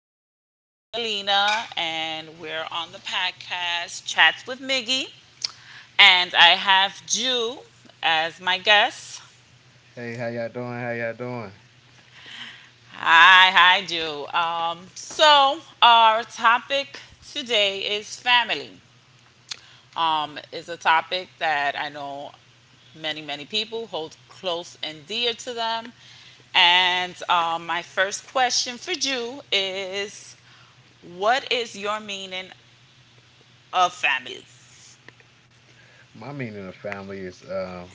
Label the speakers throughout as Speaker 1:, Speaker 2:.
Speaker 1: name is Miguelina, and we're on the podcast Chats with Miggy. And I have Jew as my guest.
Speaker 2: Hey, how y'all doing? How y'all doing?
Speaker 1: Hi, Jew. Our topic today is family. Is a topic that I know many people hold close and dear to them. And my first question for you is, what is your meaning of family?
Speaker 2: My meaning of family is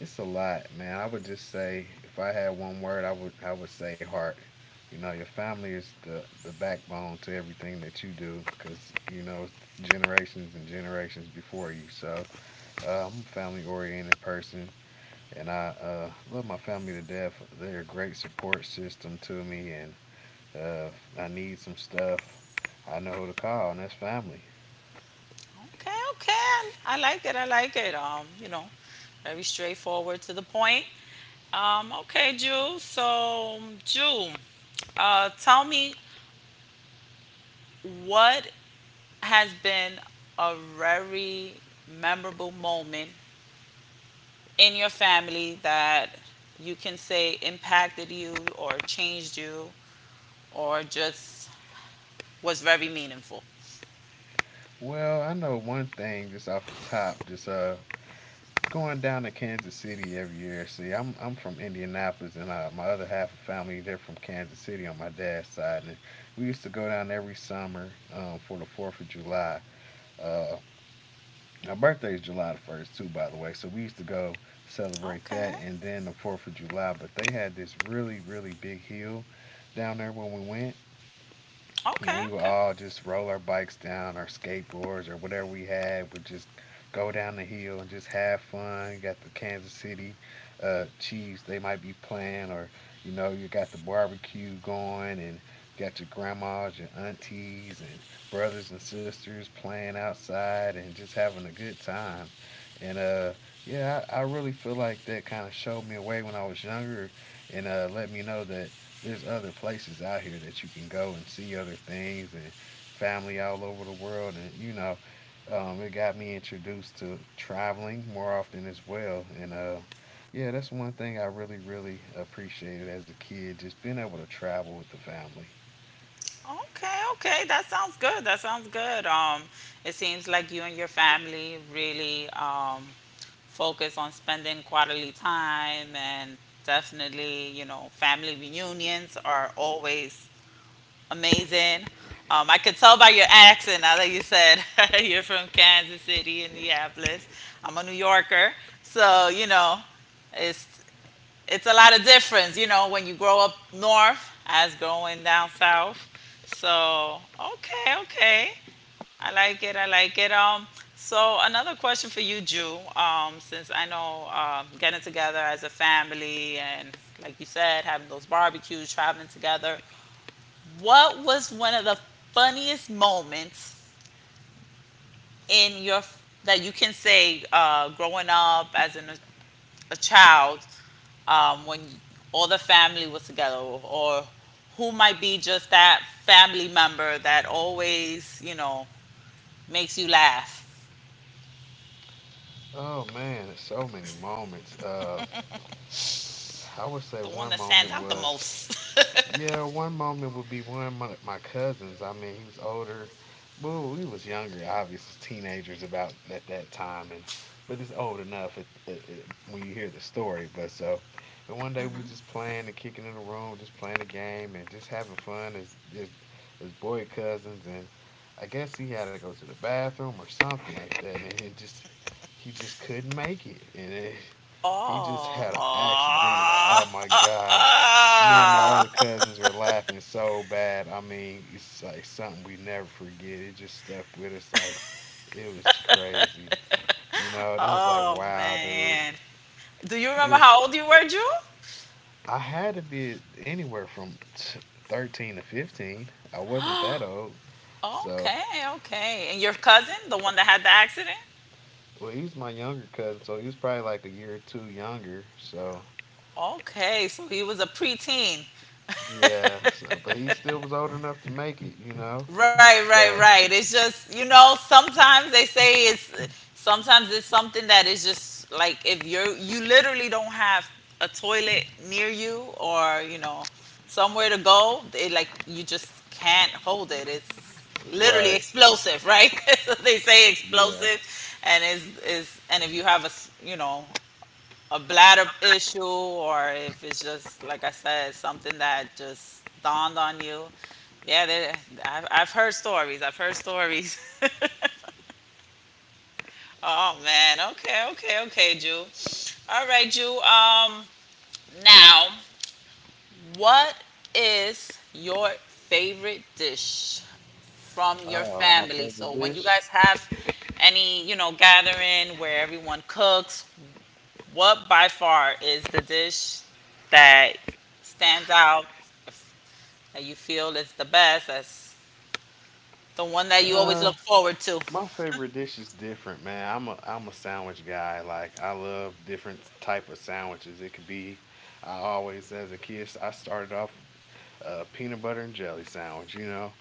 Speaker 2: it's a lot, man. I would just say if I had one word, I would say heart. You know, your family is the backbone to everything that you do, because you know generations and generations before you. So I'm a family oriented person, and I love my family to death. They're a great support system to me, and if I need some stuff, I know who to call, and that's family.
Speaker 1: Okay, okay. I like it. I like it. Very straightforward to the point. Okay, Jew. So, Jew, tell me what has been a very memorable moment in your family that you can say impacted you or changed you or just was very meaningful.
Speaker 2: Well, I know one thing just off the top, just going down to Kansas City every year. See, I'm from Indianapolis and my other half of family they're from Kansas City on my dad's side, and we used to go down every summer for the 4th of July. Uh my birthday is July the 1st too, by the way. So we used to go celebrate
Speaker 1: Okay.
Speaker 2: that and then the 4th of July, but they had this really really big hill down there when we went, and
Speaker 1: Okay.
Speaker 2: we would
Speaker 1: Okay.
Speaker 2: all just roll our bikes down, our skateboards or whatever we had. We would just go down the hill and just have fun. You got the Kansas City Chiefs, they might be playing, or you know, you got the barbecue going, and you got your grandmas, your aunties, and brothers and sisters playing outside and just having a good time. And yeah, I really feel like that kind of showed me a way when I was younger, and let me know that there's other places out here that you can go and see other things and family all over the world, and you know it got me introduced to traveling more often as well, and yeah, that's one thing I really really appreciated as a kid, just being able to travel with the family.
Speaker 1: Okay, okay, that sounds good. That sounds good. It seems like you and your family really focus on spending quality time, and definitely, you know, family reunions are always amazing. I could tell by your accent now that you said you're from Kansas City, Indianapolis. I'm a New Yorker, so you know, it's it's a lot of difference, you know, when you grow up north as growing down south. So, okay, okay. I like it. I like it. So another question for you, Jew. Since I know getting together as a family and, like you said, having those barbecues, traveling together, what was one of the funniest moments in your that you can say growing up as a child when all the family was together, or who might be just that family member that always, you know, makes you laugh.
Speaker 2: Oh man, so many moments. I would say
Speaker 1: The one
Speaker 2: one
Speaker 1: that stands
Speaker 2: moment
Speaker 1: out the
Speaker 2: was
Speaker 1: most.
Speaker 2: Yeah, one moment would be one of my cousins. I mean, he was older. Well, we was younger, obviously teenagers about at that time, and but it's old enough when you hear the story. And one day we was just playing and kicking in the room, just playing the game and just having fun as boy cousins. And I guess he had to go to the bathroom or something like that, and it just he just couldn't make it, he just had an
Speaker 1: Oh.
Speaker 2: accident.
Speaker 1: Oh,
Speaker 2: Oh my God! Me and my other cousins were laughing so bad. I mean, it's like something we never forget. It just stuck with us. Like, it was crazy, you know. And I was like,
Speaker 1: oh,
Speaker 2: wow, dude.
Speaker 1: man. Do you
Speaker 2: It
Speaker 1: remember
Speaker 2: was.
Speaker 1: how old you were, Drew?
Speaker 2: I had to be anywhere from 13 to 15. I wasn't that old. So,
Speaker 1: Okay, okay. And your cousin, the one that had the accident?
Speaker 2: well, he was my younger cousin, so he was probably like a year or two younger. So,
Speaker 1: Okay, so he was a preteen.
Speaker 2: yeah. So, but he still was old enough to make it, you know.
Speaker 1: Right, right,
Speaker 2: So,
Speaker 1: right. It's just, you know, sometimes they say it's sometimes it's something that is just like if you're you literally don't have a toilet near you or, you know, somewhere to go, it like you just can't hold it. It's literally
Speaker 2: right.
Speaker 1: explosive, right? So they say
Speaker 2: Yeah.
Speaker 1: explosive and is and if you have a, s- you know, a bladder issue or if it's just like I said something that just dawned on you. Yeah, there- I've heard stories. I've heard stories. Oh man. Okay. Okay. Okay, Jew. All right, Jew. Now, what is your favorite dish from your
Speaker 2: My
Speaker 1: family?
Speaker 2: favorite
Speaker 1: So when you
Speaker 2: dish.
Speaker 1: guys have any, you know, gathering where everyone cooks, what by far is the dish that stands out that you feel is the best? That's the one that you always
Speaker 2: Uh,
Speaker 1: look forward to.
Speaker 2: My favorite dish is different, man. I'm a sandwich guy. Like, I love different type of sandwiches. I always as a kid I started off a peanut butter and jelly sandwich, you know,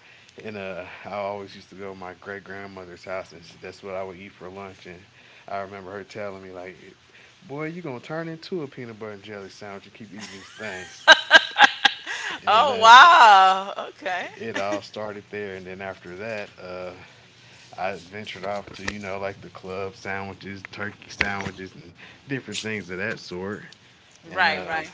Speaker 2: and I always used to go to my great grandmother's house and that's what I would eat for lunch. And I remember her telling me like, "Boy, you gonna turn into a peanut butter and jelly sandwich and keep eating these things." And
Speaker 1: Oh wow. Okay.
Speaker 2: it all started there. And then after that, I ventured off to, you know, like the club sandwiches, turkey sandwiches, and different things of that sort. And
Speaker 1: Right, right.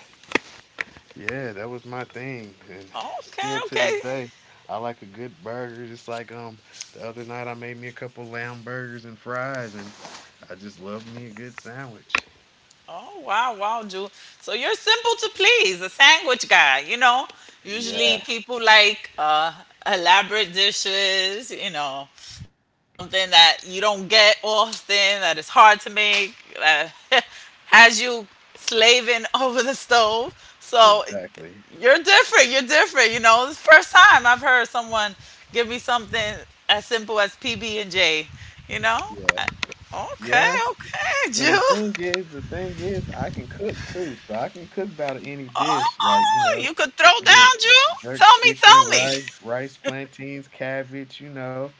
Speaker 2: yeah, that was my thing. And
Speaker 1: Okay,
Speaker 2: still to this
Speaker 1: okay.
Speaker 2: day, I like a good burger. Just like the other night I made me a couple lamb burgers and fries, and I just love me a good sandwich.
Speaker 1: Oh wow, wow, Ju. So you're simple to please, a sandwich guy. You know, usually
Speaker 2: Yeah,
Speaker 1: people like elaborate dishes. You know, something that you don't get often, that is hard to make, that has you slaving over the stove. So
Speaker 2: exactly.
Speaker 1: you're different. You're different. You know, it's the first time I've heard someone give me something as simple as PB and J. You know,
Speaker 2: Yeah,
Speaker 1: uh, okay,
Speaker 2: yeah.
Speaker 1: okay,
Speaker 2: And
Speaker 1: Ju.
Speaker 2: the thing is, I can cook too, so I can cook about any dish. Like, you
Speaker 1: Oh,
Speaker 2: know,
Speaker 1: you could throw
Speaker 2: the.
Speaker 1: down, June.
Speaker 2: jerk
Speaker 1: Tell me,
Speaker 2: chicken,
Speaker 1: tell me.
Speaker 2: rice, rice, plantains, cabbage, you know,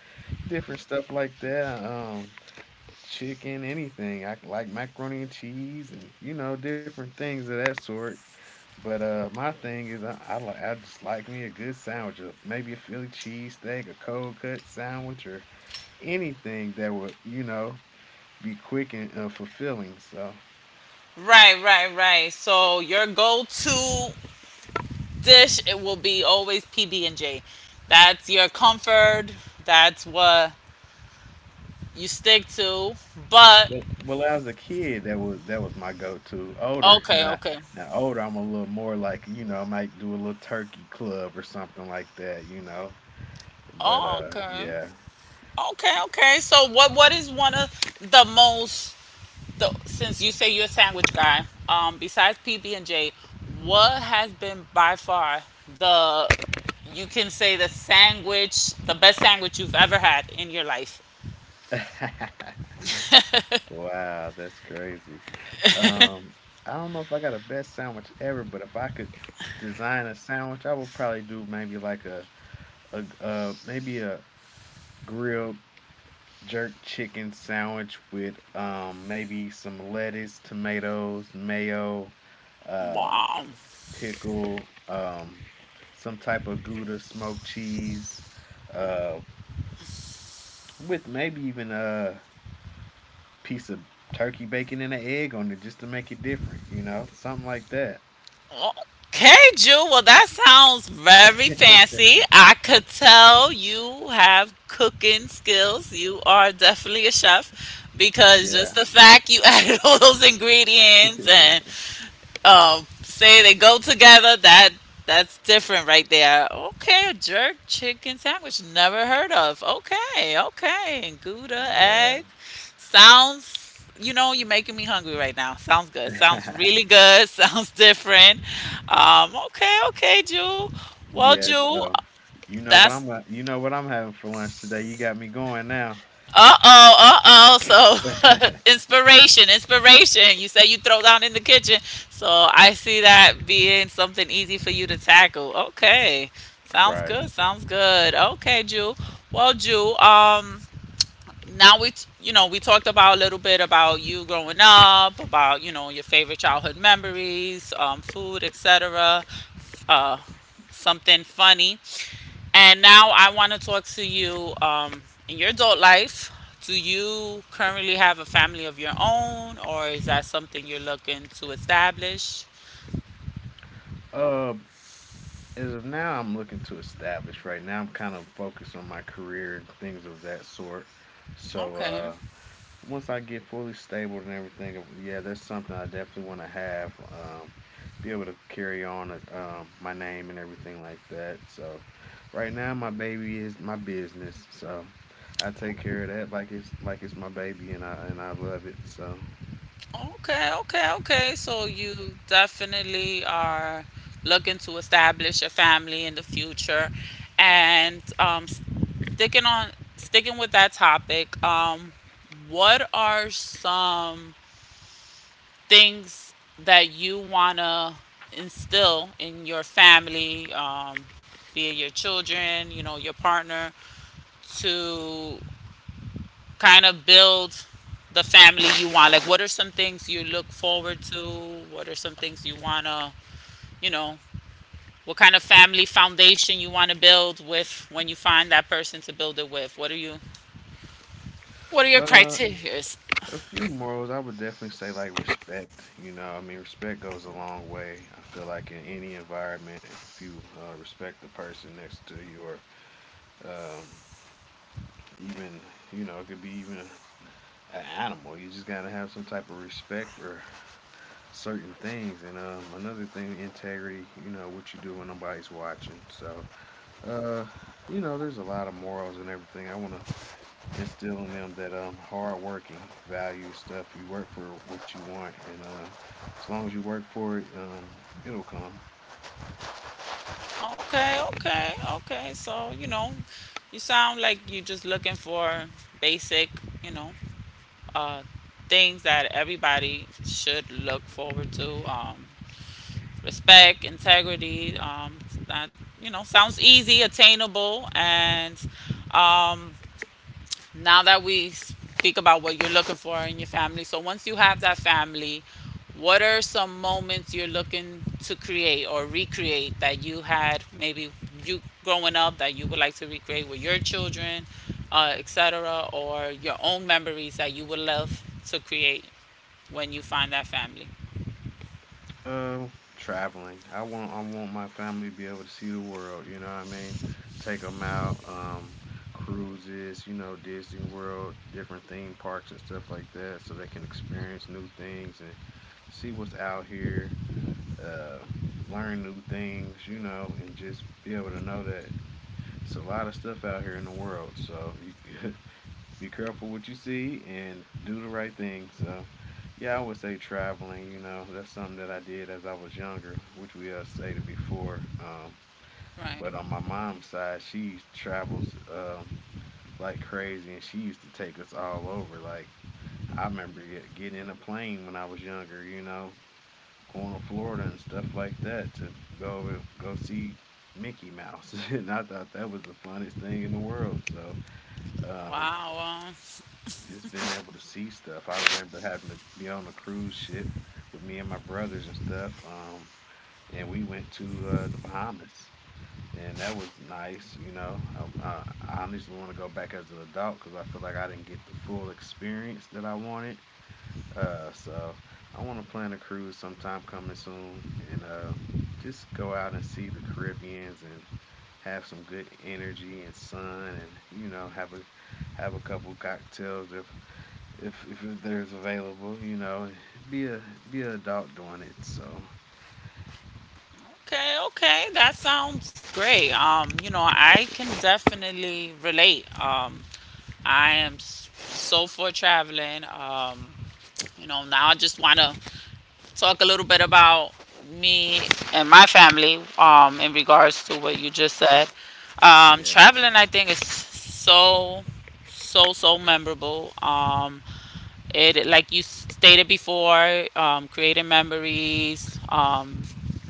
Speaker 2: different stuff like that, chicken, anything. I like macaroni and cheese and, you know, different things of that sort. But, my thing is I just like me a good sandwich, maybe a Philly cheesesteak, a cold cut sandwich, or anything that would, you know, be quick and fulfilling, so.
Speaker 1: Right, right, right. So your go-to dish it will be always PB and J. That's your comfort. That's what you stick to. But
Speaker 2: Well, well, as a kid, that was my go-to. Older,
Speaker 1: okay,
Speaker 2: now
Speaker 1: okay,
Speaker 2: now older, I'm a little more like, you know, I might do a little turkey club or something like that, you know. But
Speaker 1: okay,
Speaker 2: yeah.
Speaker 1: okay, okay. So what is one of the most so, since you say you're a sandwich guy, besides PB and J, what has been by far the you can say the sandwich, the best sandwich you've ever had in your life?
Speaker 2: Wow, that's crazy. Um, I don't know if I got a best sandwich ever, but if I could design a sandwich, I would probably do maybe like a grilled jerk chicken sandwich with maybe some lettuce, tomatoes, mayo. uh
Speaker 1: Wow.
Speaker 2: Pickle, some type of Gouda smoked cheese, uh, with maybe even a piece of turkey bacon and an egg on it, just to make it different, you know, something like that.
Speaker 1: Okay, Jew. Well, that sounds very fancy. I could tell you have cooking skills. You are definitely a chef
Speaker 2: Yeah,
Speaker 1: because just the fact you added all those ingredients and say they go together, that that's different right there. Okay, a jerk chicken sandwich, never heard of. Okay, okay, gouda
Speaker 2: yeah,
Speaker 1: egg, sounds, you know, you're making me hungry right now. Sounds good, sounds really good. Sounds different. Okay, okay, Jew, well,
Speaker 2: yeah.
Speaker 1: Jew,
Speaker 2: So,
Speaker 1: that's
Speaker 2: you know what I'm having for lunch today. You got me going now.
Speaker 1: uh oh, uh oh. So inspiration, inspiration. You say you throw down in the kitchen. So I see that being something easy for you to tackle. Okay. Sounds
Speaker 2: Right.
Speaker 1: good. Sounds good. Okay, Jew. Well, Jew, now we t- you know, we talked about a little bit about you growing up, about, you know, your favorite childhood memories, food, etc. Uh something funny and now I want to talk to you in your adult life. Do you currently have a family of your own, or is that something you're looking to establish?
Speaker 2: Uh, as of now, I'm looking to establish. Right now, I'm kind of focused on my career and things of that sort. So,
Speaker 1: Okay,
Speaker 2: once I get fully stable and everything, yeah, that's something I definitely want to have. Be able to carry on my name and everything like that. So, right now, my baby is my business. So, I take care of that like it's my baby, and I love it. So,
Speaker 1: okay, okay, okay. So you definitely are looking to establish a family in the future, and sticking with that topic. What are some things that you want to instill in your family, be it your children, you know, your partner, to kind of build the family you want? Like, what are some things you look forward to? What are some things you want to, you know, what kind of family foundation you want to build with when you find that person to build it with? What are your
Speaker 2: uh,
Speaker 1: criteria?
Speaker 2: a few morals I would definitely say, like respect. You know, I mean, respect goes a long way. I feel like in any environment, if you respect the person next to you, or um, even you know, it could be even an animal. You just gotta have some type of respect for certain things. And another thing, integrity. You know what you do when nobody's watching. So, uh, you know, there's a lot of morals and everything. I wanna instill in them that hard working, value stuff. You work for what you want, and as long as you work for it, it'll come.
Speaker 1: Okay, okay, okay. So, you know, you sound like you're just looking for basic, you know, uh, things that everybody should look forward to. Respect, integrity. That you know sounds easy, attainable, and um, now that we speak about what you're looking for in your family, so once you have that family, what are some moments you're looking to create or recreate that you had maybe you growing up that you would like to recreate with your children, etc., or your own memories that you would love to create when you find that family?
Speaker 2: Traveling. I want my family to be able to see the world. You know what I mean? Take them out, cruises. You know, Disney World, different theme parks and stuff like that, so they can experience new things and see what's out here. Uh, Learn new things. You know, and just be able to know that it's a lot of stuff out here in the world. So you be careful what you see and do the right thing. So. Yeah, I would say traveling, you know, that's something that I did as I was younger, which we stated before.
Speaker 1: Right.
Speaker 2: But on my mom's side, she travels like crazy, and she used to take us all over. Like, I remember getting in a plane when I was younger, you know, going to Florida and stuff like that to go over, go see Mickey Mouse. And I thought that was the funniest thing in the world. So, um,
Speaker 1: Wow.
Speaker 2: just being able to see stuff. I remember having to be on a cruise ship with me and my brothers and stuff. And we went to the Bahamas, and that was nice. You know, I, I I honestly want to go back as an adult because I feel like I didn't get the full experience that I wanted. So I want to plan a cruise sometime coming soon, and just go out and see the Caribbeans and have some good energy and sun, and you know, have a couple cocktails if if there's available, you know, be a be an adult doing it. So
Speaker 1: Okay. Okay. That sounds great. You know, I can definitely relate. I am s- so for traveling. You know, now I just want to talk a little bit about me and my family in regards to what you just said.
Speaker 2: yes.
Speaker 1: Traveling, I think, is so memorable. It, like you stated before, creating memories,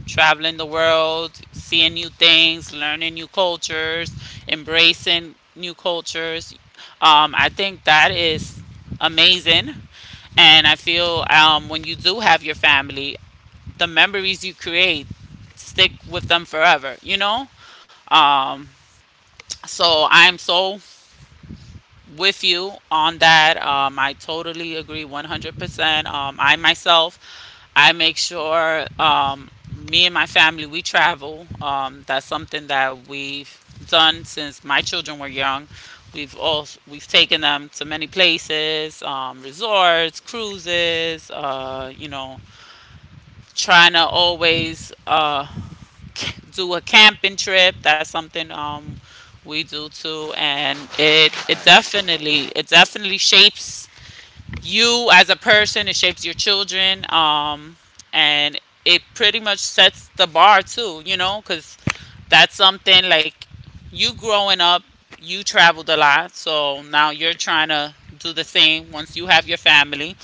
Speaker 1: traveling the world, seeing new things, learning new cultures, embracing new cultures. I think that is amazing. And I feel when you do have your family, the memories you create stick with them forever, you know? Um, so I'm so with you on that. I totally agree 100%. I myself, I make sure me and my family, we travel. That's something that we've done since my children were young. We've taken them to many places, resorts, cruises, you know, trying to always do a camping trip. That's something we do too, and it it
Speaker 2: Nice.
Speaker 1: definitely it definitely shapes you as a person. It shapes your children, and it pretty much sets the bar too. You know, because that's something like you growing up, you traveled a lot, so now you're trying to do the same once you have your family.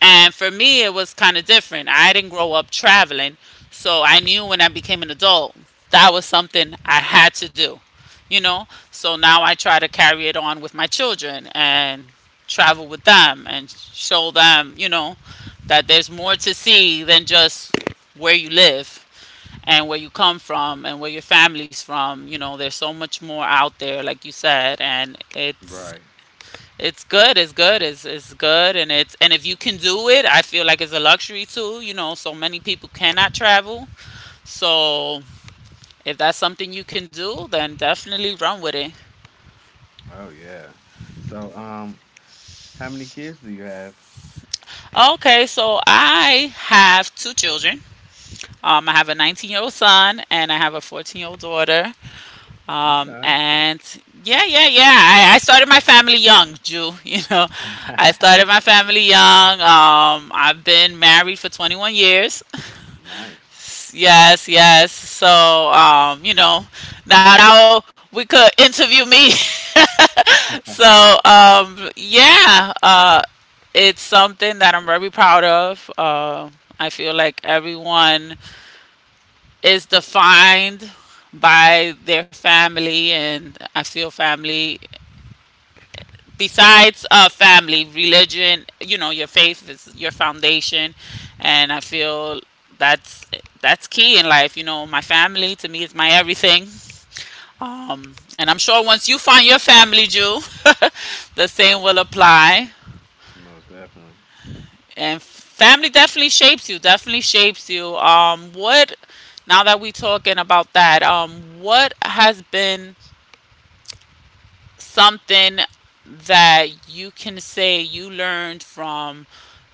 Speaker 1: And for me, it was kind of different. I didn't grow up traveling, so I knew when I became an adult that was something I had to do, you know. So now I try to carry it on with my children, and travel with them and show them, you know, that there's more to see than just where you live and where you come from and where your family's from. You know, there's so much more out there, like you said, and it's
Speaker 2: Right.
Speaker 1: it's good. It's good. It's good, and it's and if you can do it, I feel like it's a luxury too. You know, so many people cannot travel, so if that's something you can do, then definitely run with it.
Speaker 2: Oh yeah. So how many kids do you have?
Speaker 1: Okay, so I have two children. I have a 19-year-old son and I have a 14-year-old daughter.
Speaker 2: Okay.
Speaker 1: And yeah, yeah, yeah. I started my family young, Jew. You know, I started my family young. I've been married for 21 years.
Speaker 2: Nice.
Speaker 1: Yes, yes. So, you know, now that we could interview me. So, yeah, it's something that I'm very proud of. I feel like everyone is defined by their family, and I feel family, besides family religion, you know, your faith is your foundation. And I feel that's that's key in life. You know, my family to me is my everything. Um, and i'm sure once you find your family, Jew, the same will apply.
Speaker 2: Most definitely.
Speaker 1: And family definitely shapes you, definitely shapes you. What now that we talking about that, what has been something that you can say you learned from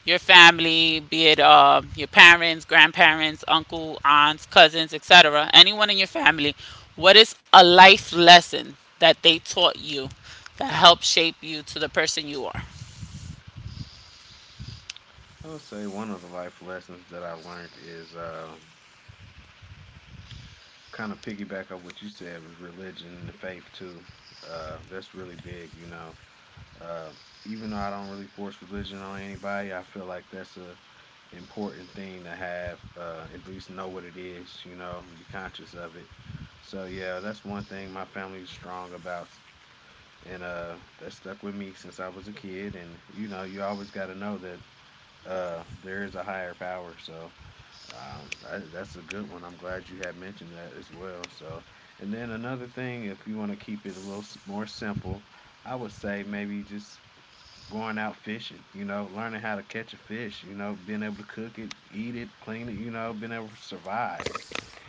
Speaker 1: your family, be it your parents, grandparents, uncle, aunts, cousins, etc., anyone in your family, what is a life lesson that they taught you that helped shape you to the person you are?
Speaker 2: I would say one of the life lessons that I learned is kind of piggyback on what you said was religion and the faith too. That's really big, you know. Uh, even though I don't really force religion on anybody, I feel like that's a important thing to have. At least know what it is, you know, and be conscious of it. So yeah, that's one thing my family's strong about, and that stuck with me since I was a kid. And you know, you always got to know that there is a higher power. So that's a good one. I'm glad you had mentioned that as well. And then another thing, if you want to keep it a little more simple, I would say maybe just going out fishing, you know, learning how to catch a fish, you know, being able to cook it, eat it, clean it, you know, being able to survive,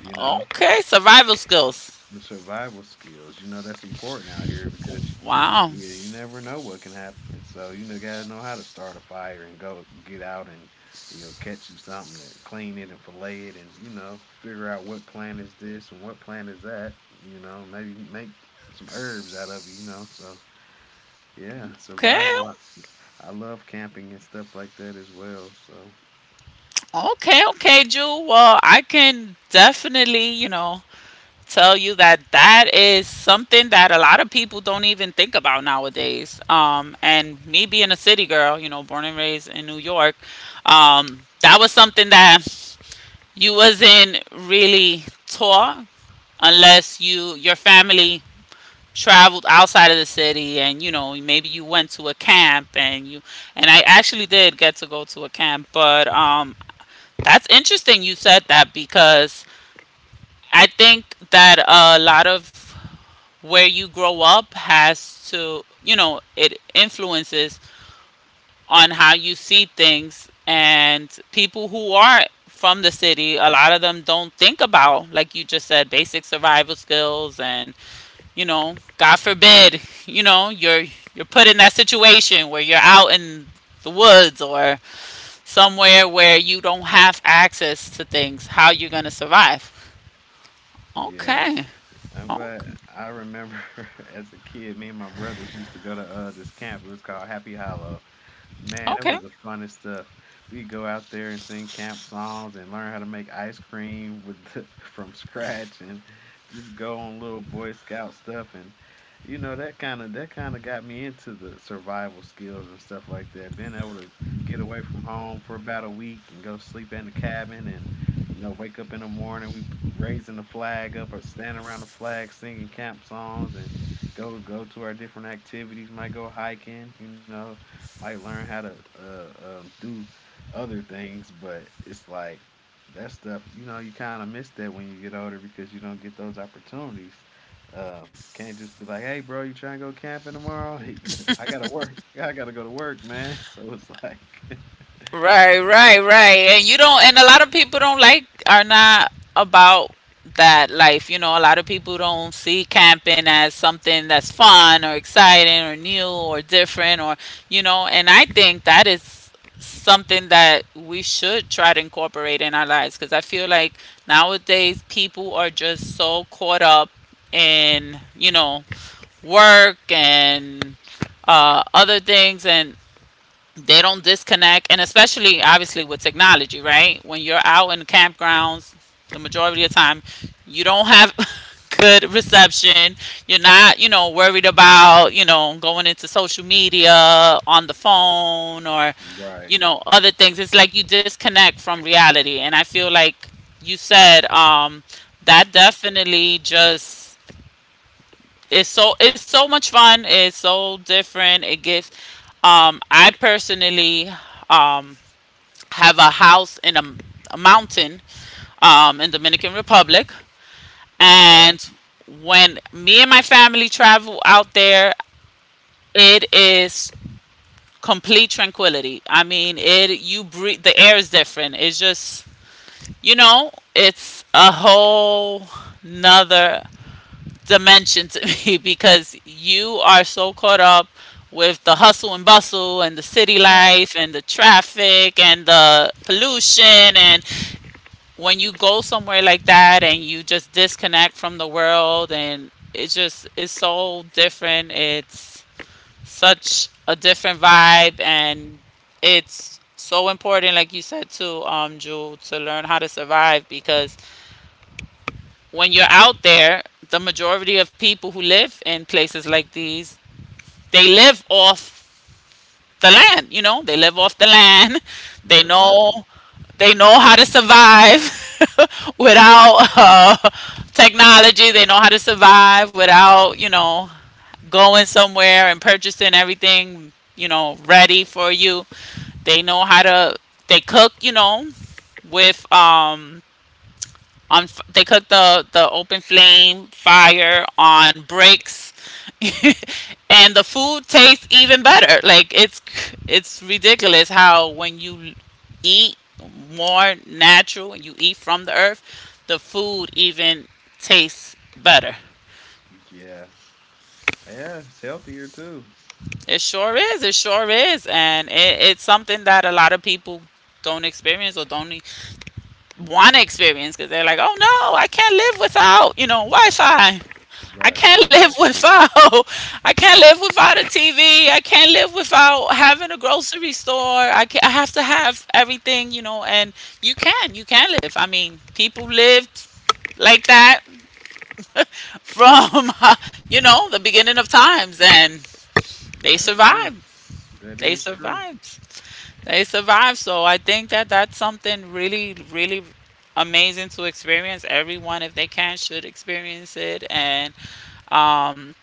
Speaker 2: you know,
Speaker 1: Okay, survival skills.
Speaker 2: and survival skills, you know, that's important out here because
Speaker 1: Wow.
Speaker 2: you never know what can happen. So, you know, gotta know how to start a fire and go get out and, you know, catch you something and clean it and fillet it and, you know, figure out what plant is this and what plant is that, you know, maybe make some herbs out of it, you know, so. Yeah,
Speaker 1: Okay.
Speaker 2: survival. I love camping and stuff like that as well. So
Speaker 1: Okay, okay, Ju. Well, I can definitely, you know, tell you that that is something that a lot of people don't even think about nowadays. And me being a city girl, you know, born and raised in New York, that was something that you wasn't really taught unless your family traveled outside of the city, and you know, maybe you went to a camp, and you and I actually did get to go to a camp. But um, that's interesting you said that, because I think that a lot of where you grow up has to, you know, it influences on how you see things. And people who are from the city, a lot of them don't think about, like you just said, basic survival skills. And, you know, God forbid, you know, you're put in that situation where you're out in the woods or somewhere where you don't have access to things, how you're going to survive.
Speaker 2: yeah,
Speaker 1: Okay.
Speaker 2: I'm
Speaker 1: Oh,
Speaker 2: glad. I remember as a kid, me and my brothers used to go to this camp. It was called Happy Hollow. Man, that
Speaker 1: okay.
Speaker 2: was the funnest stuff. We go out there and sing camp songs and learn how to make ice cream with from scratch and just go on little Boy Scout stuff and you know that kind of got me into the survival skills and stuff like that. Being able to get away from home for about a week and go sleep in the cabin and you know wake up in the morning we raising the flag up or standing around the flag singing camp songs and go to our different activities. Might go hiking, you know, might learn how to do other things, but it's like that stuff. You know, you kind of miss that when you get older because you don't get those opportunities. Uh, can't just be like, "Hey, bro, you trying to go camping tomorrow?" I gotta work. I gotta go to work, man. So it's like,
Speaker 1: Right, right, right. And you don't, and a lot of people don't like, are not about that life. You know, a lot of people don't see camping as something that's fun or exciting or new or different, or, you know, and I think that is something that we should try to incorporate in our lives, because I feel like nowadays people are just so caught up in, you know, work and other things, and they don't disconnect, and especially obviously with technology, right? When you're out in campgrounds, the majority of the time you don't have good reception. You're not, you know, worried about, you know, going into social media on the phone or,
Speaker 2: right,
Speaker 1: you know, other things. It's like you disconnect from reality, and I feel like you said, that definitely just, it's so, it's so much fun. It's so different. It gives. I personally um, have a house in a mountain, in Dominican Republic,
Speaker 2: okay,
Speaker 1: and when me and my family travel out there, it is complete tranquility. I mean, it, you breathe. The air is different. It's just, you know, it's a whole nother dimension to me, because you are so caught up with the hustle and bustle and the city
Speaker 2: right,
Speaker 1: life and the traffic and the pollution. And when you go somewhere like that and you just disconnect from the world, and it's just, it's so different, it's such a different vibe. And it's so important, like you said too, um, Jewel, to learn how to survive, because when you're out there, the majority of people who live in places like these, they live off the land, you know? They live off the land. They
Speaker 2: most
Speaker 1: know,
Speaker 2: definitely,
Speaker 1: they know how to survive without technology. They know how to survive without, you know, going somewhere and purchasing everything, you know, ready for you. They know how to, they cook, you know, with they cook the open flame fire on bricks and the food tastes even better. Like, it's ridiculous how when you eat more natural and you eat from the earth, the food even tastes better.
Speaker 2: yeah, yeah. It's healthier too.
Speaker 1: It sure is, it sure is. And it, it's something that a lot of people don't experience or don't want to experience, because they're like, oh no, I can't live without, you know, Wi-Fi. I
Speaker 2: Right,
Speaker 1: can't
Speaker 2: right,
Speaker 1: live
Speaker 2: right.
Speaker 1: without I can't live without a TV. I can't live without having a grocery store. I have to have everything, you know, and you can. You can live. I mean, people lived like that from you know, the beginning of times, and they
Speaker 2: That's true.
Speaker 1: survived.
Speaker 2: That
Speaker 1: They
Speaker 2: is true.
Speaker 1: survived. They survived. So I think that that's something really, really amazing to experience. Everyone, if they can, should experience it. And um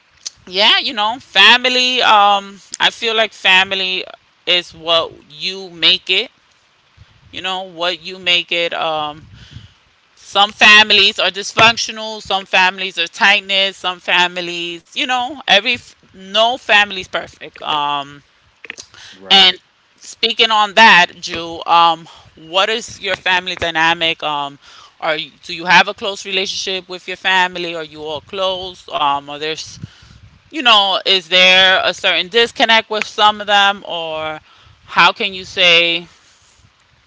Speaker 1: yeah, you know, family, I feel like family is what you make it, you know, what you make it. Some families are dysfunctional, some families are tight-knit, some families, you know, every no family's perfect. Um,
Speaker 2: Right.
Speaker 1: and speaking on that, Jew, um, what is your family dynamic? Um, are do you have a close relationship with your family? Are you all close? Um, are there, you know, is there a certain disconnect with some of them, or how can you say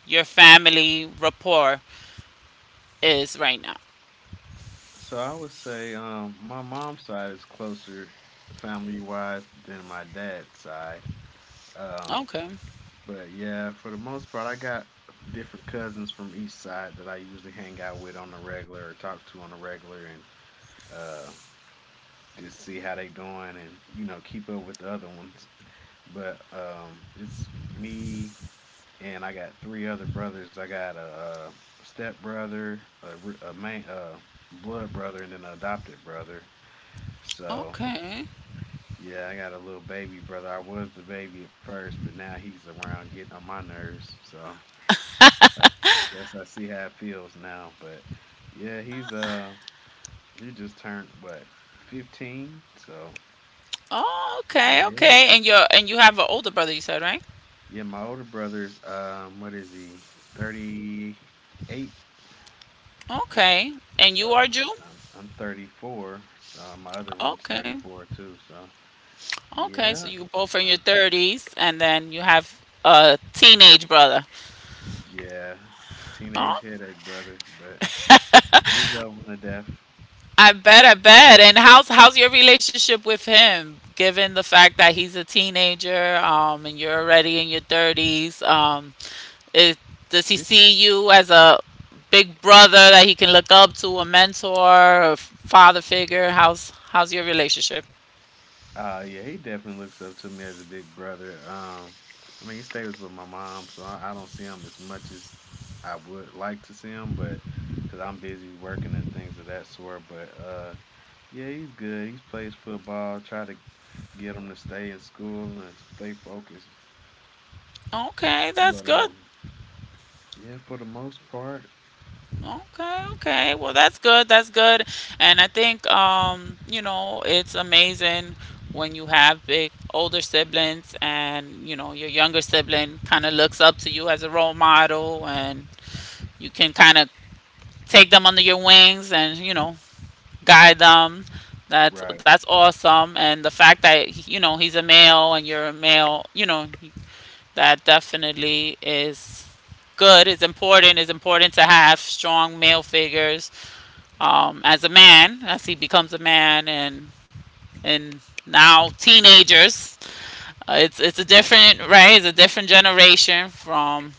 Speaker 1: your family rapport is right now?
Speaker 2: So I would say my mom's side is closer family wise than my dad's side. Um,
Speaker 1: Okay,
Speaker 2: but yeah, for the most part, I got different cousins from each side that I usually hang out with on the regular or talk to on the regular and uh, just see how they doing and you know keep up with the other ones. But it's me and I got three other brothers. I got a step brother, a, r- a main, a blood brother, and then an adopted brother. So
Speaker 1: okay,
Speaker 2: yeah, I got a little baby brother. I was the baby at first, but now he's around getting on my nerves. So I guess I see how it feels now. But yeah, he's he just turned what, 15? So yeah.
Speaker 1: okay. And you're, and you have an older brother, you said, right?
Speaker 2: Yeah, my older brother's what is he? 38.
Speaker 1: Okay, and you are
Speaker 2: So
Speaker 1: Jew.
Speaker 2: I'm 34. So my other one's thirty
Speaker 1: Okay,
Speaker 2: four too. So
Speaker 1: okay. So
Speaker 2: yeah.
Speaker 1: you both are in your
Speaker 2: So,
Speaker 1: thirties, and then you have a teenage brother.
Speaker 2: yeah. Teenage headache, brother, but we love one to death.
Speaker 1: I bet, I bet. And how's, how's your relationship with him, given the fact that he's a teenager, and you're already in your thirties? Is, does he
Speaker 2: It's
Speaker 1: see you as a big brother that he can look up to, a mentor, a father figure? How's, how's your relationship?
Speaker 2: Yeah, he definitely looks up to me as a big brother. I mean, he stays with my mom, so I don't see him as much as I would like to see him, but because I'm busy working and things of that sort. But yeah, he's good. He plays football. Try to get him to stay in school and stay focused.
Speaker 1: Okay, that's
Speaker 2: But
Speaker 1: good.
Speaker 2: yeah, for the most part,
Speaker 1: Okay, okay. Well, that's good. That's good. And I think, you know, it's amazing when you have big older siblings, and, you know, your younger sibling kind of looks up to you as a role model, and you can kind of take them under your wings and, you know, guide them. That's
Speaker 2: right,
Speaker 1: that's awesome. And the fact that, you know, he's a male and you're a male, you know, that definitely is good. It's important. It's important to have strong male figures, as a man, as he becomes a man. And now teenagers. It's a different, right. It's a different generation from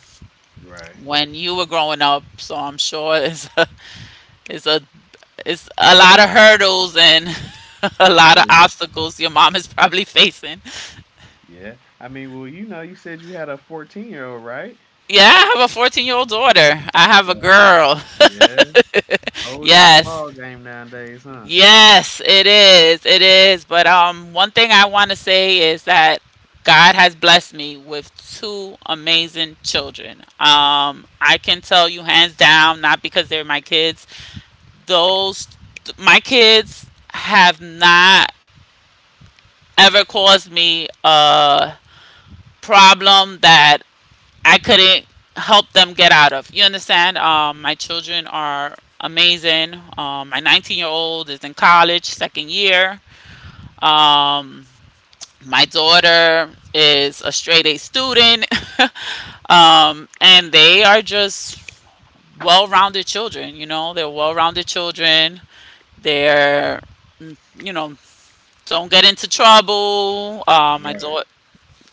Speaker 2: right.
Speaker 1: when you were growing up. So I'm sure it's a, it's a, it's a lot of hurdles and a lot of
Speaker 2: Well, yeah,
Speaker 1: obstacles your mom is probably facing.
Speaker 2: yeah. I mean, well, you know, you said you had a 14-year-old, right?
Speaker 1: Yeah, I have a 14-year-old daughter. I have a
Speaker 2: So
Speaker 1: girl.
Speaker 2: yeah, whole different
Speaker 1: Yes.
Speaker 2: ball game nowadays, huh?
Speaker 1: Yes, it is. It is. But one thing I want to say is that God has blessed me with two amazing children. I can tell you hands down, not because they're my kids, those, my kids have not ever caused me a problem that I couldn't help them get out of. You understand? My children are amazing. My 19-year-old is in college, second year. Um, my daughter is a straight A student, and they are just well rounded children. You know, they're well rounded children. They're, mm, you know, don't get into trouble. My
Speaker 2: Right.
Speaker 1: daughter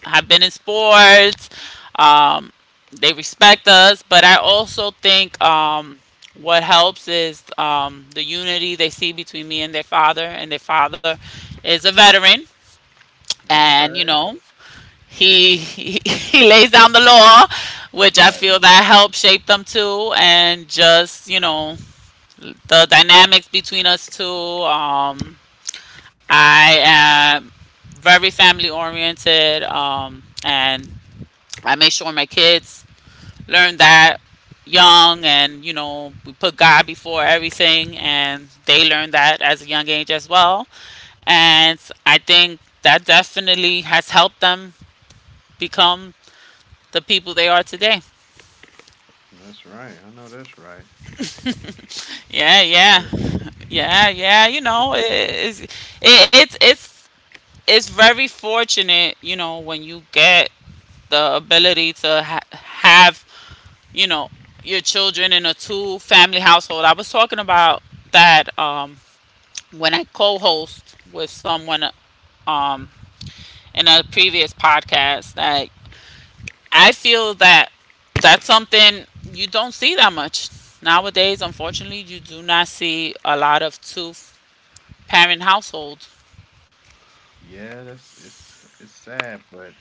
Speaker 1: have been in sports. Um, they respect us, but I also think, what helps is, the unity they see between me and their father is a veteran, and you
Speaker 2: Okay.
Speaker 1: know, he he lays down the law, which I
Speaker 2: Right.
Speaker 1: feel that helped shape them too. And just, you know, the dynamics between us two. I am very family oriented, and I make sure my kids learn that young, and you know, we put God before everything, and they learn that as a young age as well. And I think that definitely has helped them become the people they are today.
Speaker 2: That's right. I know that's right.
Speaker 1: Yeah,
Speaker 2: That's
Speaker 1: yeah,
Speaker 2: good.
Speaker 1: yeah, yeah. You know, it, it's it's it's very fortunate, you know, when you get the ability to have, you know, your children in a two-family household. I was talking about that, when I co-host with someone, um, in a previous podcast. That I feel that that's something you don't see that much nowadays. Unfortunately, you do not see a lot of two parent household.
Speaker 2: Yeah, that's it's sad, but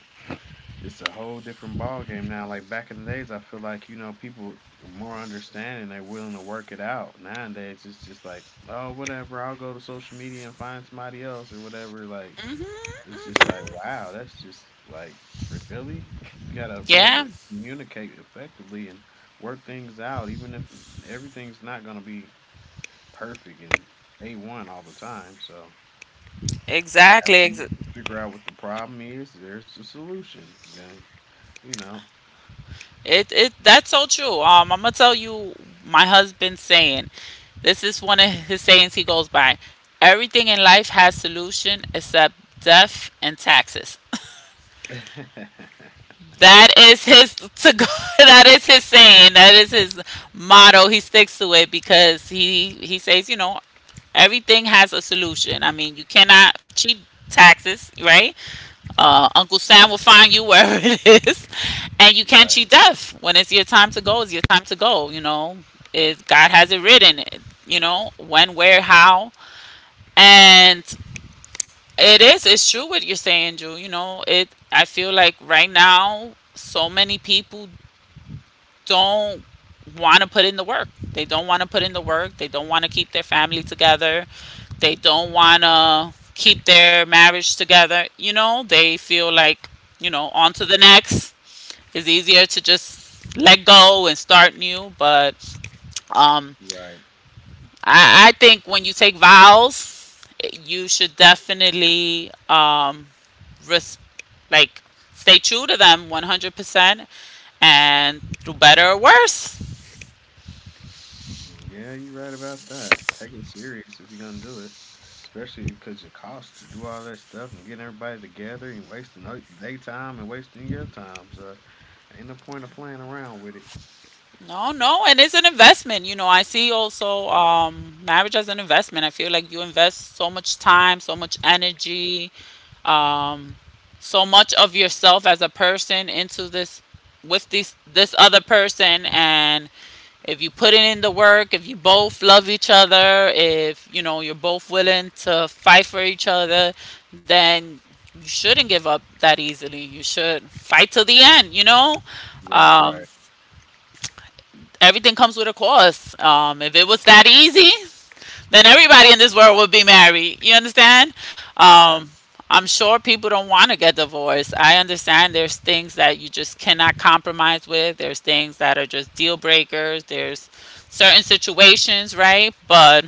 Speaker 2: it's a whole different ball game now. Like back in the days, I feel like, you know, people are more understanding, they're willing to work it out. Nowadays, it's just like, oh, whatever, I'll go to social media and find somebody else or whatever. Like,
Speaker 1: Hmm, hmm.
Speaker 2: it's just like, wow, that's just like, really? You gotta be able to
Speaker 1: Yeah,
Speaker 2: communicate effectively and work things out, even if everything's not gonna be perfect and A one all the time. So
Speaker 1: exactly.
Speaker 2: after you figure out what the problem is, there's a solution. Then you know.
Speaker 1: It it that's so true. I'm gonna tell you my husband's saying. This is one of his sayings he goes by. Everything in life has solution except death and taxes.
Speaker 2: Right,
Speaker 1: That is his to go, that is his saying. That is his motto. He sticks to it because he says, you know, everything has a solution. I mean, you cannot cheat taxes, right? Uncle Sam will find you wherever it is, and you can't cheat death. When it's your time to go, it's your time to go. You know, it, God has it written. It. You know when, where, how, and it is. It's true what you're saying, Drew. You know, it. I feel like right now, so many people don't want to put in the work. They don't want to put in the work. They don't want to keep their family together. They don't want to keep their marriage together. You know, they feel like, you know, on to the next. It's easier to just let go and start new. But um,
Speaker 2: right.
Speaker 1: I think when you take vows, you should definitely, res- like stay true to them 100% and do better or worse.
Speaker 2: Mm, yeah, you're right about that. Take it serious if you're gonna do it, especially because it costs to do all that stuff and getting everybody together and wasting their time and wasting your time. So ain't no point of playing around with it.
Speaker 1: No, no, and it's an investment. You know, I see also, marriage as an investment. I feel like you invest so much time, so much energy, um, so much of yourself as a person into this with this other person, and if you put it in the work, if you both love each other, if you know you're both willing to fight for each other, then you shouldn't give up that easily. You should fight till the end. You know.
Speaker 2: Right,
Speaker 1: Um,
Speaker 2: right.
Speaker 1: Everything comes with a cost. If it was that easy, then everybody in this world would be married. You understand?
Speaker 2: Yeah,
Speaker 1: Um, I'm sure people don't want to get divorced. I understand there's things that you just cannot compromise with. There's things that are just deal breakers. There's certain situations, right? But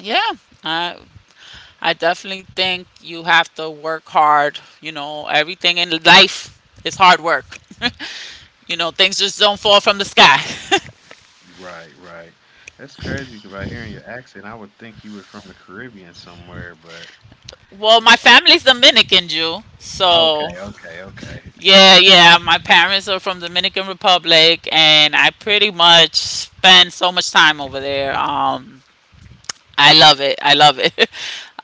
Speaker 1: yeah, I I definitely think you have to work hard. You know, everything in life is hard work. You know, things just don't fall from the sky.
Speaker 2: right, right. That's crazy 'cause by hearing your accent, I would think you were from the Caribbean somewhere, but
Speaker 1: Well, my
Speaker 2: It's
Speaker 1: family's Dominican, Jew.
Speaker 2: okay,
Speaker 1: So,
Speaker 2: okay, okay.
Speaker 1: yeah, yeah, my parents are from Dominican Republic and I pretty much spend so much time over there. I love it. I love it.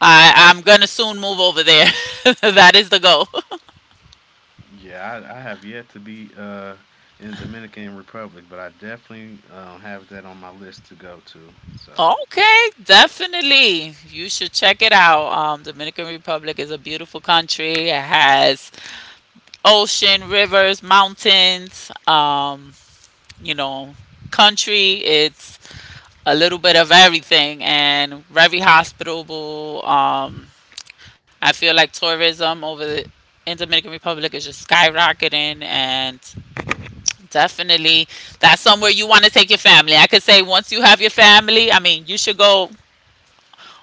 Speaker 1: I'm going to soon move over there. That is the goal.
Speaker 2: Yeah, I have yet to be in the Dominican Republic, but I definitely have that on my list to go to. So
Speaker 1: Okay, definitely. You should check it out. Dominican Republic is a beautiful country. It has ocean, rivers, mountains, you know, country. It's a little bit of everything and very hospitable. I feel like tourism in Dominican Republic is just skyrocketing and definitely that's somewhere you want to take your family. I could say once you have your family, I mean, you should go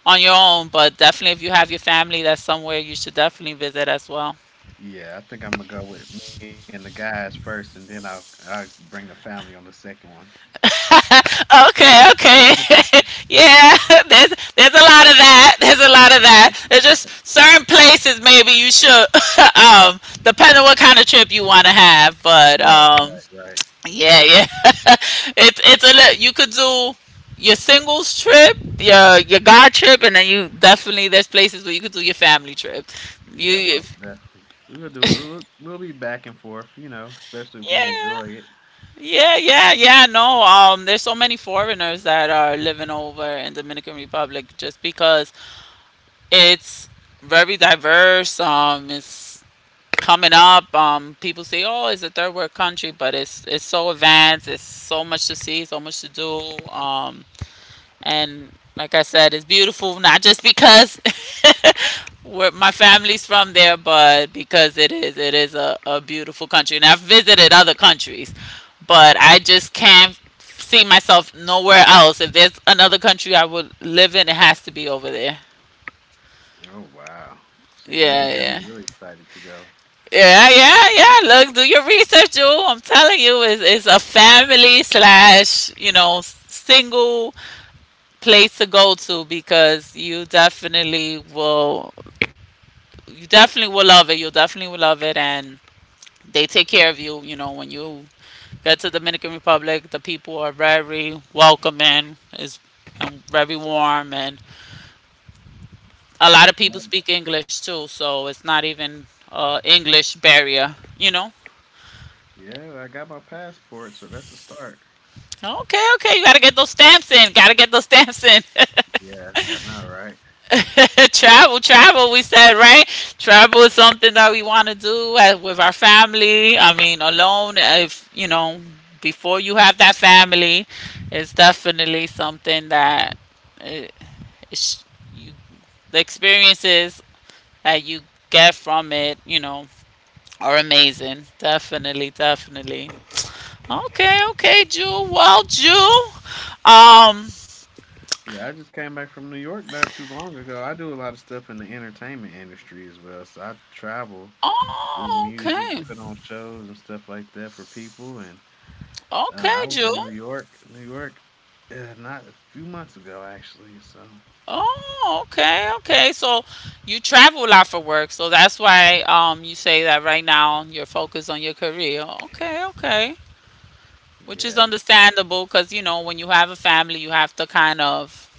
Speaker 1: on your own, but definitely if you have your family, that's somewhere you should definitely visit as well.
Speaker 2: yeah, I think I'm gonna go with me and the guys first, and then I'll I bring the family on the second one.
Speaker 1: Okay, okay. Yeah, there's a lot of that. There's a lot of that. There's just certain places maybe you should depending on what kind of trip you want to have, but
Speaker 2: Right, right, right.
Speaker 1: yeah, yeah. It's a you could do your singles trip, your guard trip and then you definitely there's places where you could do your family trip. You
Speaker 2: Yeah, most
Speaker 1: if,
Speaker 2: definitely. We'll do it. We'll be back and forth, you know, especially if we enjoy
Speaker 1: yeah.
Speaker 2: it.
Speaker 1: Yeah, yeah, yeah. No, there's so many foreigners that are living over in Dominican Republic just because it's very diverse. It's coming up. People say, "Oh, it's a third world country," but it's so advanced. It's so much to see, so much to do. And like I said, it's beautiful not just because where my family's from there, but because it is a beautiful country. And I've visited other countries, but I just can't see myself nowhere else. If there's another country I would live in, it has to be over there.
Speaker 2: Oh wow! See, now you
Speaker 1: Yeah,
Speaker 2: got me
Speaker 1: yeah.
Speaker 2: really excited to go.
Speaker 1: Yeah, yeah, yeah. Look, do your research, Jewel. I'm telling you, it's a family slash, you know, single place to go to because you definitely will love it. You definitely will love it, and they take care of you. You know, when you get to Dominican Republic, the people are very welcoming. Is And very warm, and a lot of people
Speaker 2: Yeah,
Speaker 1: speak English too, so it's not even English barrier. You know.
Speaker 2: yeah, I got my passport, so that's a start.
Speaker 1: Okay, okay. You got to get those stamps in. Got to get those stamps in.
Speaker 2: Yeah, I know, right?
Speaker 1: Travel, travel, we said, right? Travel is something that we want to do with our family. I mean, alone, if, you know, before you have that family, it's definitely something that uh, it's, you, the experiences that you get from it, you know, are amazing. Definitely, definitely. Okay, okay, Jew. Well, Jew. Um,
Speaker 2: Yeah, I just came back from New York not too long ago. I do a lot of stuff in the entertainment industry as well. So I travel, do
Speaker 1: Oh,
Speaker 2: music,
Speaker 1: okay.
Speaker 2: put on shows and stuff like that for people. And
Speaker 1: Okay,
Speaker 2: I was in
Speaker 1: Jewel.
Speaker 2: New York, not a few months ago actually. So
Speaker 1: Oh, okay, okay. So you travel a lot for work, so that's why you say that right now you're focused on your career. Okay, okay. Which is
Speaker 2: yeah,
Speaker 1: understandable because you know when you have a family, you have to kind of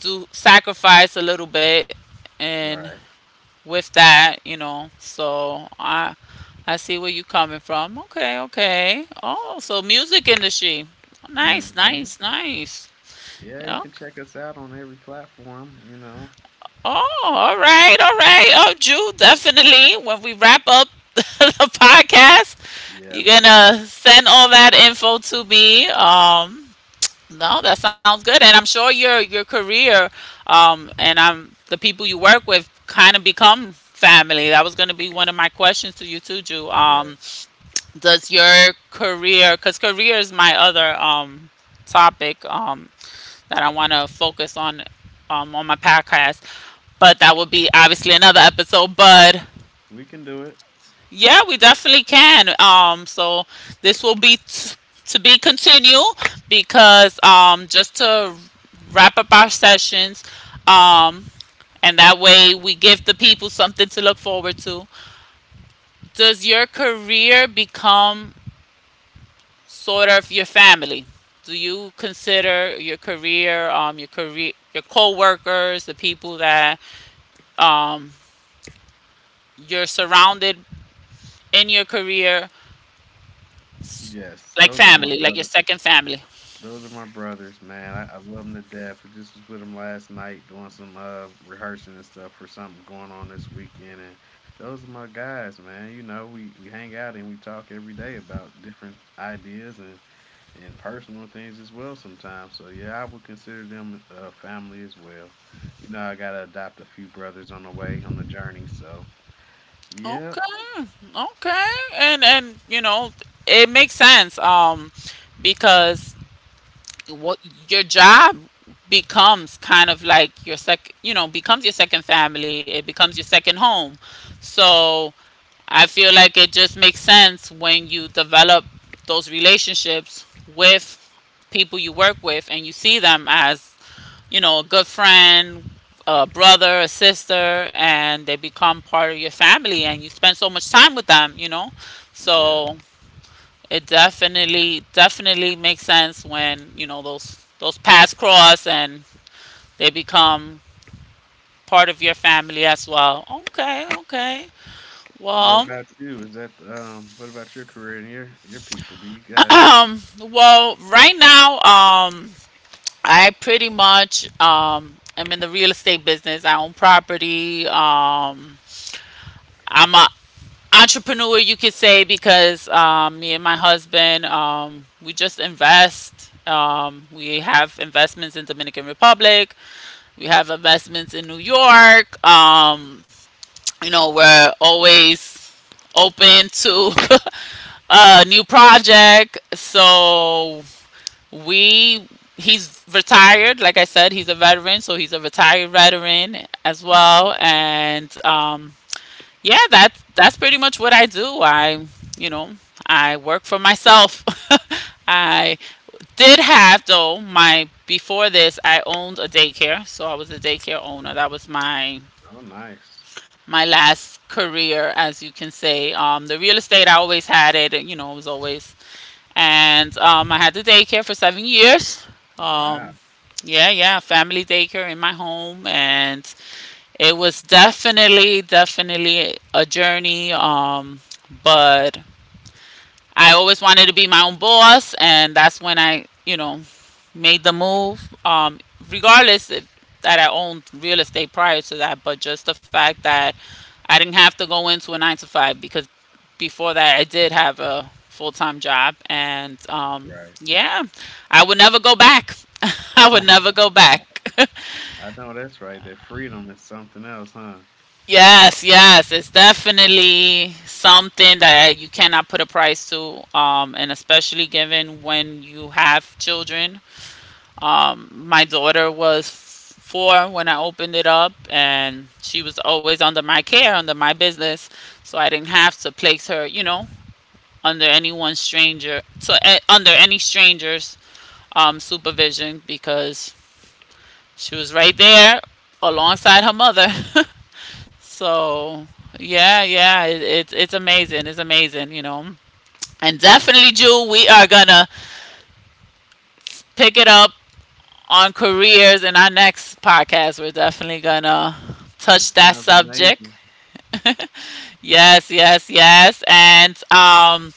Speaker 1: do sacrifice a little bit, and
Speaker 2: right.
Speaker 1: with that, you know. So I see where you're coming from. Okay, okay. Oh, so music industry. Nice,
Speaker 2: Hmm.
Speaker 1: nice, nice.
Speaker 2: Yeah, you
Speaker 1: Yeah.
Speaker 2: can check us out on every platform. You know.
Speaker 1: Oh, all right, all right. Oh, Jew, definitely. When we wrap up the podcast,
Speaker 2: Yeah,
Speaker 1: you're
Speaker 2: most definitely.
Speaker 1: gonna send all that info to me. No, that sounds good, and I'm sure your career, and am the people you work with kind of become family. That was gonna be one of my questions to you too, Jew.
Speaker 2: Yes,
Speaker 1: Does your career, because career is my other topic. That I want to focus on my podcast. But that would be obviously another episode. But
Speaker 2: we can do it.
Speaker 1: yeah, we definitely can. So this will be to be continued because just to wrap up our sessions, um, and that way we give the people something to look forward to. Does your career become sort of your family? Do you consider your career, your career, your co-workers, the people that um, you're surrounded in your career
Speaker 2: Yes,
Speaker 1: like
Speaker 2: those are my
Speaker 1: family, like your
Speaker 2: brothers.
Speaker 1: second family.
Speaker 2: Those are my brothers, man. I love them to death. I just was with them last night doing some rehearsing and stuff for something going on this weekend. And those are my guys, man. You know, we hang out and we talk every day about different ideas and personal things as well sometimes. So, yeah, I would consider them family as well. You know, I got to adopt a few brothers on the way, on the journey. So, yeah,
Speaker 1: Okay, okay, and you know it makes sense because what your job becomes kind of like your sec you know becomes your second family, it becomes your second home. So I feel like it just makes sense when you develop those relationships with people you work with and you see them as, you know, a good friend, a brother, a sister, and they become part of your family and you spend so much time with them, you know?
Speaker 2: yes.
Speaker 1: So it definitely definitely makes sense when, you know, those paths cross and they become part of your family as well. Okay, okay.
Speaker 2: What
Speaker 1: Well,
Speaker 2: about you? Is that, what about your career and your people? Do you guys.
Speaker 1: well, right now, I pretty much am in the real estate business. I own property. I'm a entrepreneur you could say because me and my husband, we just invest, we have investments in Dominican Republic, we have investments in New York, you know, we're always open to a new project. So we, he's retired, like I said, he's a veteran, so he's a retired veteran as well, and yeah, that's pretty much what I do. I, you know, I work for myself. I did have though my before this I owned a daycare, so I was a daycare owner. That was
Speaker 2: Oh, nice.
Speaker 1: my last career, as you can say. The real estate I always had it. You know, it was always, and I had the daycare for 7 years.
Speaker 2: Wow.
Speaker 1: Um, yeah, yeah, family daycare in my home, and it was definitely, definitely a journey. But I always wanted to be my own boss, and that's when I, you know, made the move. Regardless if- That I owned real estate prior to that, but just the fact that I didn't have to go into a nine to five because before that I did have a full time job, and
Speaker 2: Right.
Speaker 1: yeah, I would never go back. I would never go back.
Speaker 2: I know that's right. That freedom is something else, huh?
Speaker 1: Yes, yes, it's definitely something that you cannot put a price to, and especially given when you have children. My daughter was 4 when I opened it up, and she was always under my care, under my business, so I didn't have to place her, you know, under anyone stranger, so under any stranger's supervision because she was right there alongside her mother. So yeah, yeah, it's amazing. It's amazing, you know. And definitely, Jew, we are gonna pick it up on careers in our next podcast. We're definitely gonna
Speaker 2: That
Speaker 1: touch that
Speaker 2: sounds
Speaker 1: subject.
Speaker 2: amazing.
Speaker 1: Yes, yes, yes. And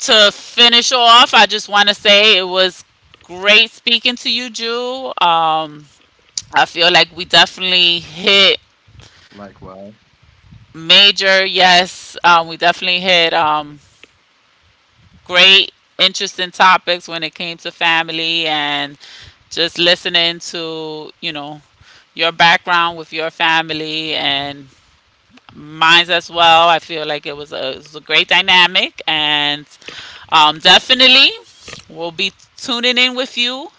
Speaker 1: to finish off, I just want to say it was great speaking to you, Jew. I feel like we
Speaker 2: Likewise.
Speaker 1: definitely hit major. Yes, we definitely hit great, interesting topics when it came to family, and just listening to, you know, your background with your family and mine as well. I feel like it was it was a great dynamic, and definitely we'll be tuning in with you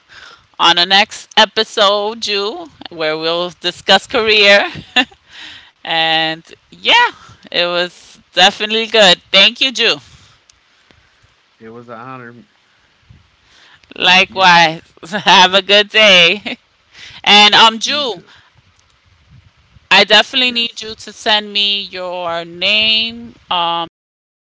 Speaker 1: on the next episode, Ju, where we'll discuss career. And yeah, it was definitely good. Thank you, Ju.
Speaker 2: It was an honor. Thank you.
Speaker 1: Likewise. Have a good day.
Speaker 2: You too.
Speaker 1: And Jew,
Speaker 2: Yes.
Speaker 1: I definitely need you to send me your name, your full name, your